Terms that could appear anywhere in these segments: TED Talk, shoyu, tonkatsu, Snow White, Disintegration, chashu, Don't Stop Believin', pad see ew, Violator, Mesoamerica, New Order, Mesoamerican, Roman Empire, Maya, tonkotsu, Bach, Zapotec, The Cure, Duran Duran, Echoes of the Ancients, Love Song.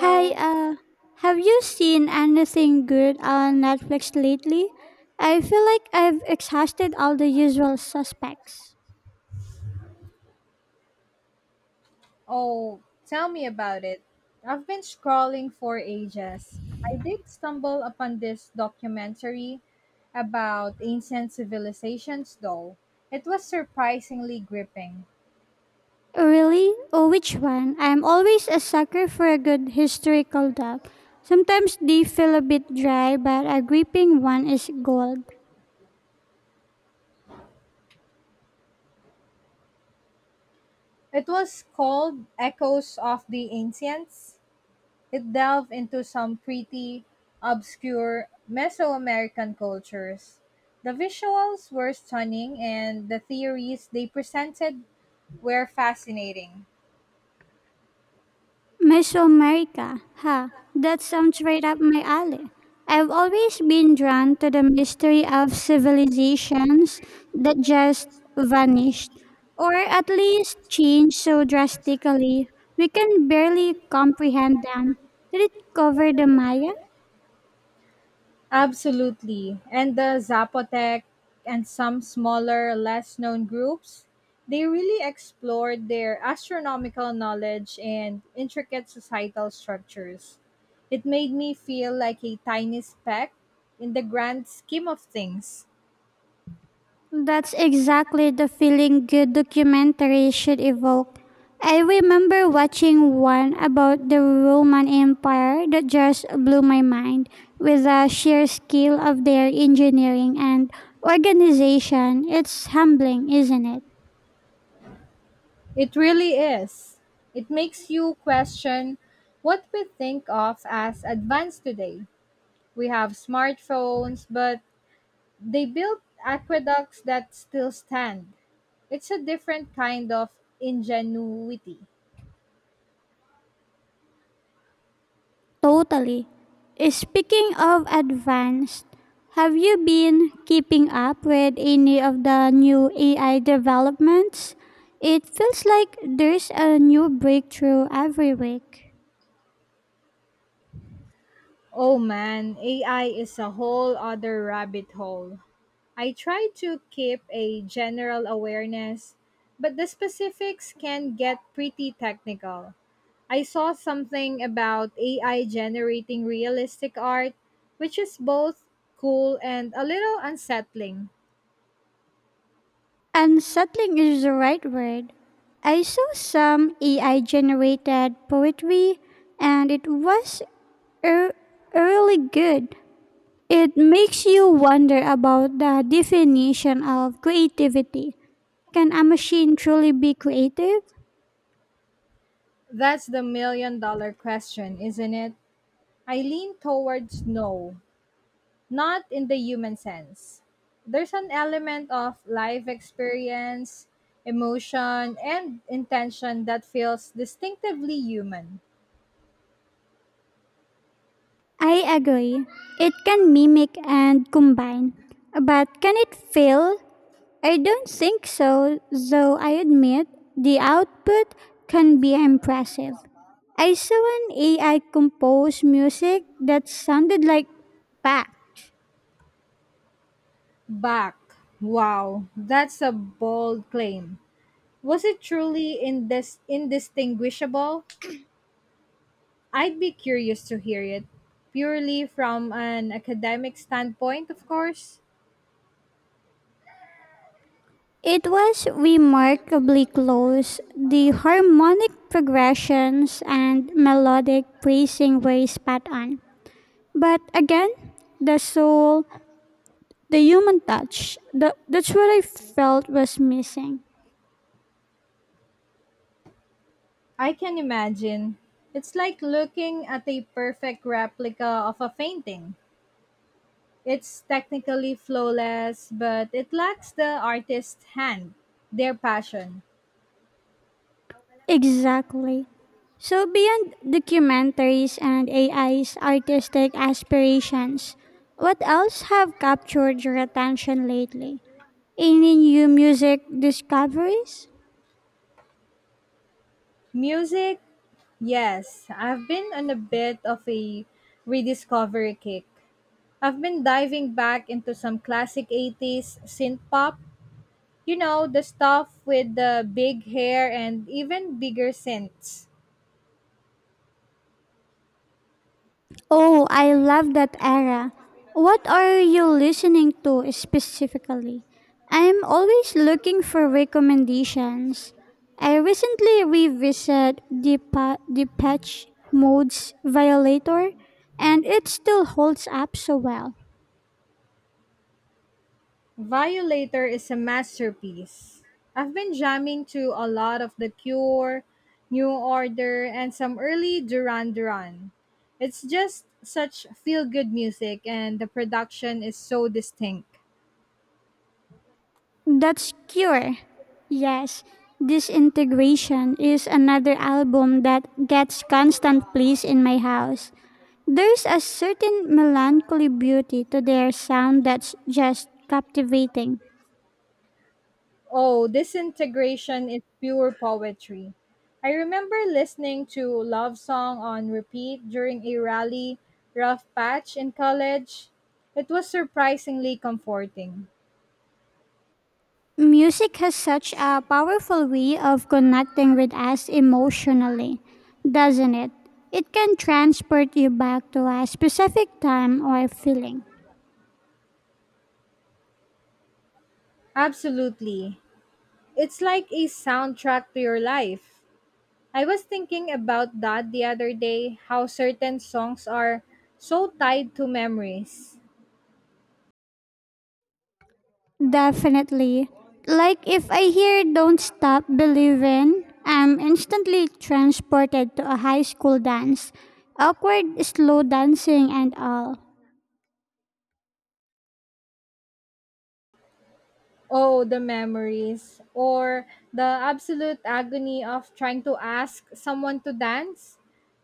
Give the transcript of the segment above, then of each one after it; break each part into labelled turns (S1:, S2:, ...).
S1: Hey, have you seen anything good on Netflix lately? I feel like I've exhausted all the usual suspects.
S2: Oh, tell me about it. I've been scrolling for ages. I did stumble upon this documentary about ancient civilizations, though. It was surprisingly gripping.
S1: Really? Oh, which one? I'm always a sucker for a good historical doc. Sometimes they feel a bit dry, but a gripping one is gold.
S2: It was called Echoes of the Ancients. It delved into some pretty obscure Mesoamerican cultures. The visuals were stunning, and the theories they presented were fascinating.
S1: Mesoamerica. Ha, that sounds right up my alley. I've always been drawn to the mystery of civilizations that just vanished, or at least changed so drastically we can barely comprehend them. Did it cover the Maya?
S2: Absolutely. And the Zapotec and some smaller, less known groups, they really explored their astronomical knowledge and intricate societal structures. It made me feel like a tiny speck in the grand scheme of things.
S1: That's exactly the feeling good documentary should evoke. I remember watching one about the Roman Empire that just blew my mind with the sheer scale of their engineering and organization. It's humbling, isn't it?
S2: It really is. It makes you question what we think of as advanced today. We have smartphones, but they built aqueducts that still stand. It's a different kind of ingenuity.
S1: Totally. Speaking of advanced, have you been keeping up with any of the new AI developments? It feels like there's a new breakthrough every week.
S2: Oh man, AI is a whole other rabbit hole. I try to keep a general awareness, but the specifics can get pretty technical. I saw something about AI generating realistic art, which is both cool and a little unsettling.
S1: Unsettling is the right word. I saw some AI generated poetry and it was er- really good. It makes you wonder about the definition of creativity. Can a machine truly be creative?
S2: That's the million dollar question, isn't it? I lean towards no, not in the human sense. There's an element of life experience, emotion, and intention that feels distinctively human.
S1: I agree. It can mimic and combine. But can it fail? I don't think so, though I admit the output can be impressive. I saw an AI compose music that sounded like Bach.
S2: Back. Wow, that's a bold claim. Was it truly indistinguishable? I'd be curious to hear it, purely from an academic standpoint, of course.
S1: It was remarkably close. The harmonic progressions and melodic phrasing were spot on. But again, the soul, the human touch, that's what I felt was missing.
S2: I can imagine. It's like looking at a perfect replica of a painting. It's technically flawless, but it lacks the artist's hand, their passion.
S1: Exactly. So, beyond documentaries and AI's artistic aspirations, what else have captured your attention lately? Any new music discoveries?
S2: Music, yes, I've been on a bit of a rediscovery kick. I've been diving back into some classic 80s synth pop, you know, the stuff with the big hair and even bigger synths.
S1: Oh, I love that era. What are you listening to specifically? I'm always looking for recommendations. I recently revisited the patch modes violator and it still holds up so well.
S2: Violator is a masterpiece. I've been jamming to a lot of The Cure, New Order, and some early Duran Duran. It's just such feel good music, and the production is so distinct.
S1: That's cure. Yes, Disintegration is another album that gets constant plays in my house. There's a certain melancholy beauty to their sound that's just captivating.
S2: Oh, Disintegration is pure poetry. I remember listening to Love Song on repeat during a rally rough patch in college. It was surprisingly comforting.
S1: Music has such a powerful way of connecting with us emotionally, doesn't it? It can transport you back to a specific time or feeling.
S2: Absolutely. It's like a soundtrack to your life. I was thinking about that the other day, how certain songs are so tied to memories.
S1: Definitely. Like if I hear Don't Stop Believin', I'm instantly transported to a high school dance, awkward slow dancing and all.
S2: Oh, the memories. Or the absolute agony of trying to ask someone to dance.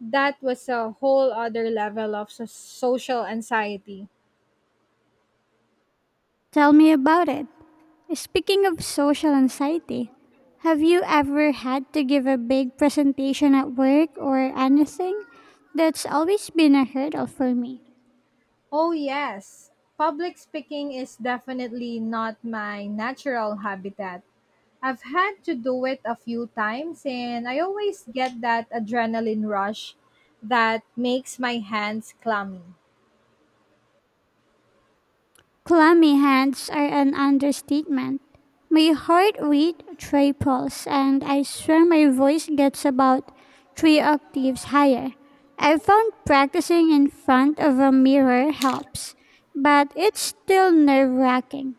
S2: That was a whole other level of social anxiety.
S1: Tell me about it. Speaking of social anxiety, have you ever had to give a big presentation at work or anything? That's always been a hurdle for me.
S2: Oh, yes. Public speaking is definitely not my natural habitat. I've had to do it a few times, and I always get that adrenaline rush that makes my hands clammy.
S1: Clammy hands are an understatement. My heart rate triples, and I swear my voice gets about three octaves higher. I found practicing in front of a mirror helps, but it's still nerve wracking.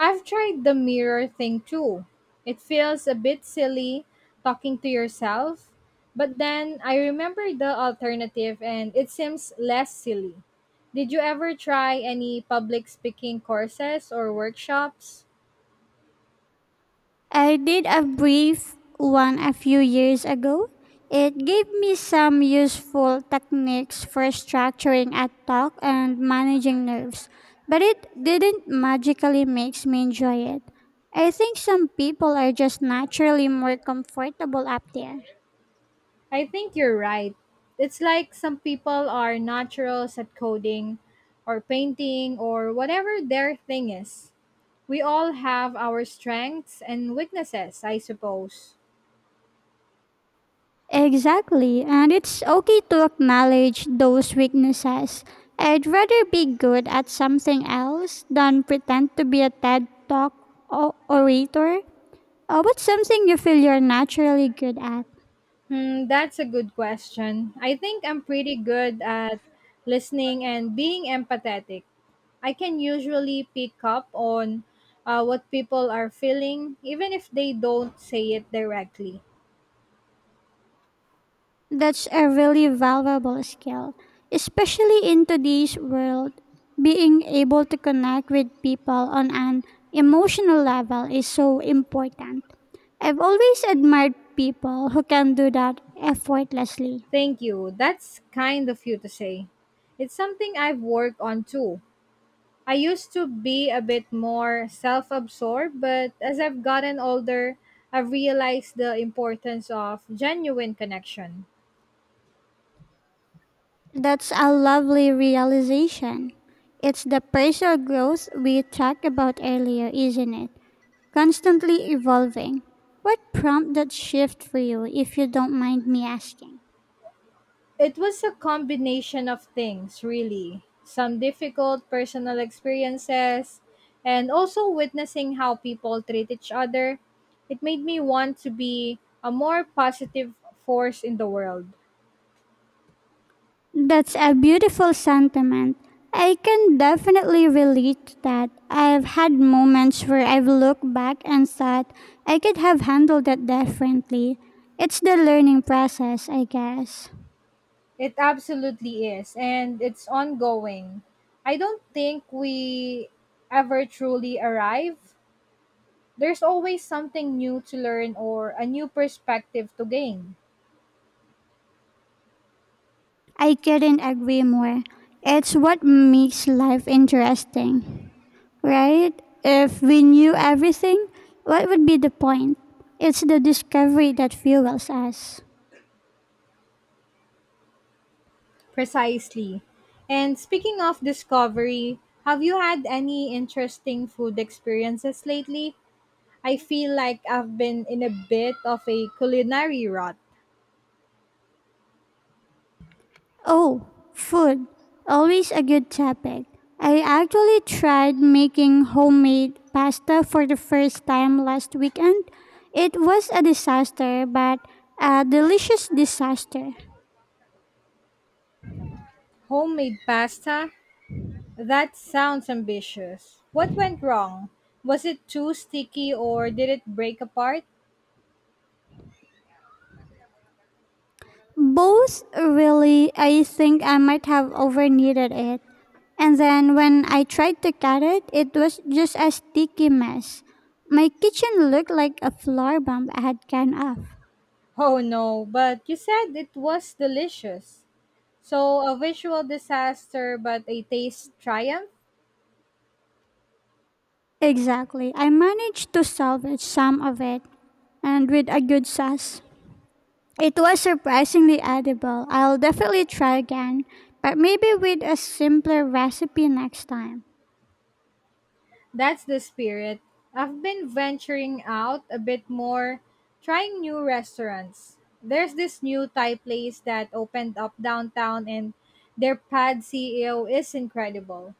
S2: I've tried the mirror thing too. It feels a bit silly talking to yourself, but then I remember the alternative and it seems less silly. Did you ever try any public speaking courses or workshops?
S1: I did a brief one a few years ago. It gave me some useful techniques for structuring a talk and managing nerves, but it didn't magically make me enjoy it. I think some people are just naturally more comfortable up there.
S2: I think you're right. It's like some people are naturals at coding or painting or whatever their thing is. We all have our strengths and weaknesses, I suppose.
S1: Exactly, and it's okay to acknowledge those weaknesses. I'd rather be good at something else than pretend to be a TED Talk orator. What's something you feel you're naturally good at?
S2: Hmm, that's a good question. I think I'm pretty good at listening and being empathetic. I can usually pick up on what people are feeling, even if they don't say it directly.
S1: That's a really valuable skill, especially in today's world. Being able to connect with people on an emotional level is so important. I've always admired people who can do that effortlessly.
S2: Thank you. That's kind of you to say. It's something I've worked on too. I used to be a bit more self absorbed, but as I've gotten older, I've realized the importance of genuine connection.
S1: That's a lovely realization. It's the personal growth we talked about earlier, isn't it? Constantly evolving. What prompted that shift for you, if you don't mind me asking?
S2: It was a combination of things, really. Some difficult personal experiences, and also witnessing how people treat each other. It made me want to be a more positive force in the world.
S1: That's a beautiful sentiment. I can definitely relate to that. I've had moments where I've looked back and thought I could have handled it differently. It's the learning process, I guess.
S2: It absolutely is, and it's ongoing. I don't think we ever truly arrive. There's always something new to learn or a new perspective to gain.
S1: I couldn't agree more. It's what makes life interesting, right? If we knew everything, what would be the point? It's the discovery that fuels us.
S2: Precisely. And speaking of discovery, have you had any interesting food experiences lately? I feel like I've been in a bit of a culinary rut.
S1: Oh, food. Always a good topic. I actually tried making homemade pasta for the first time last weekend. It was a disaster, but a delicious disaster.
S2: Homemade pasta, that sounds ambitious. What went wrong? Was it too sticky or did it break apart?
S1: Both, really. I think I might have over kneaded it. And then when I tried to cut it, it was just a sticky mess. My kitchen looked like a floor bomb I had gone off.
S2: Oh no, but you said it was delicious. So, a visual disaster but a taste triumph?
S1: Exactly. I managed to salvage some of it, and with a good sauce. It was surprisingly edible. I'll definitely try again, but maybe with a simpler recipe next time.
S2: That's the spirit. I've been venturing out a bit more, trying new restaurants. There's this new Thai place that opened up downtown, and their pad CEO is incredible.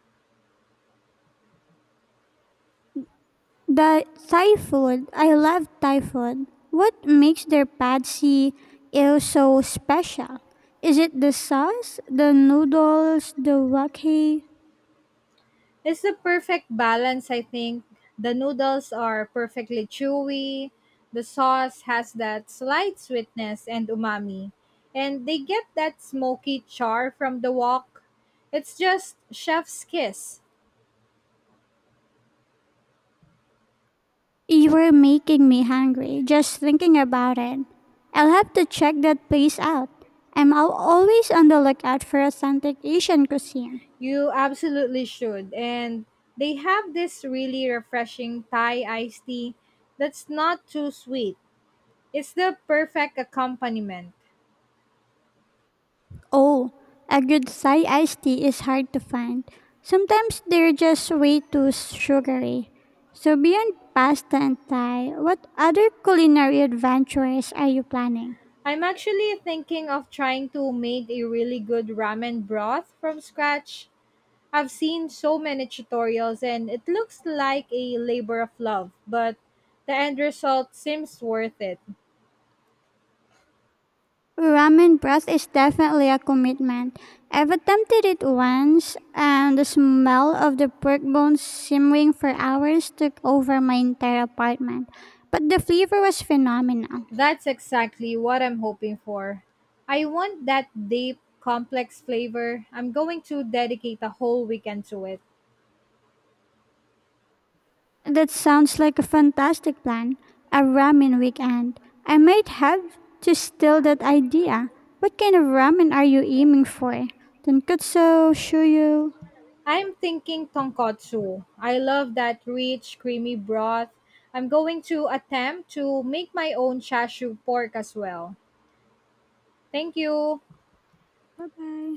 S1: The Thai food, I love Thai food. What makes their pad see ew so special? Is it the sauce, the noodles, the wok? You
S2: It's the perfect balance, I think. The noodles are perfectly chewy. The sauce has that slight sweetness and umami. And they get that smoky char from the wok. It's just chef's kiss.
S1: were making me hungry just thinking about it. I'll have to check that place out. I'm always on the lookout for authentic Asian cuisine.
S2: You absolutely should. And they have this really refreshing Thai iced tea that's not too sweet. It's the perfect accompaniment.
S1: Oh, a good Thai iced tea is hard to find. Sometimes they're just way too sugary. So, beyond pasta and Thai, what other culinary adventures are you planning?
S2: I'm actually thinking of trying to make a really good ramen broth from scratch. I've seen so many tutorials and it looks like a labor of love, but the end result seems worth it.
S1: Ramen broth is definitely a commitment. I've attempted it once, and the smell of the pork bones simmering for hours took over my entire apartment. But the flavor was phenomenal.
S2: That's exactly what I'm hoping for. I want that deep, complex flavor. I'm going to dedicate a whole weekend to it.
S1: That sounds like a fantastic plan. A ramen weekend. I might have to steal that idea. What kind of ramen are you aiming for? Tonkatsu, shoyu.
S2: I'm thinking tonkotsu. I love that rich, creamy broth. I'm going to attempt to make my own chashu pork as well. Thank you.
S1: Bye bye.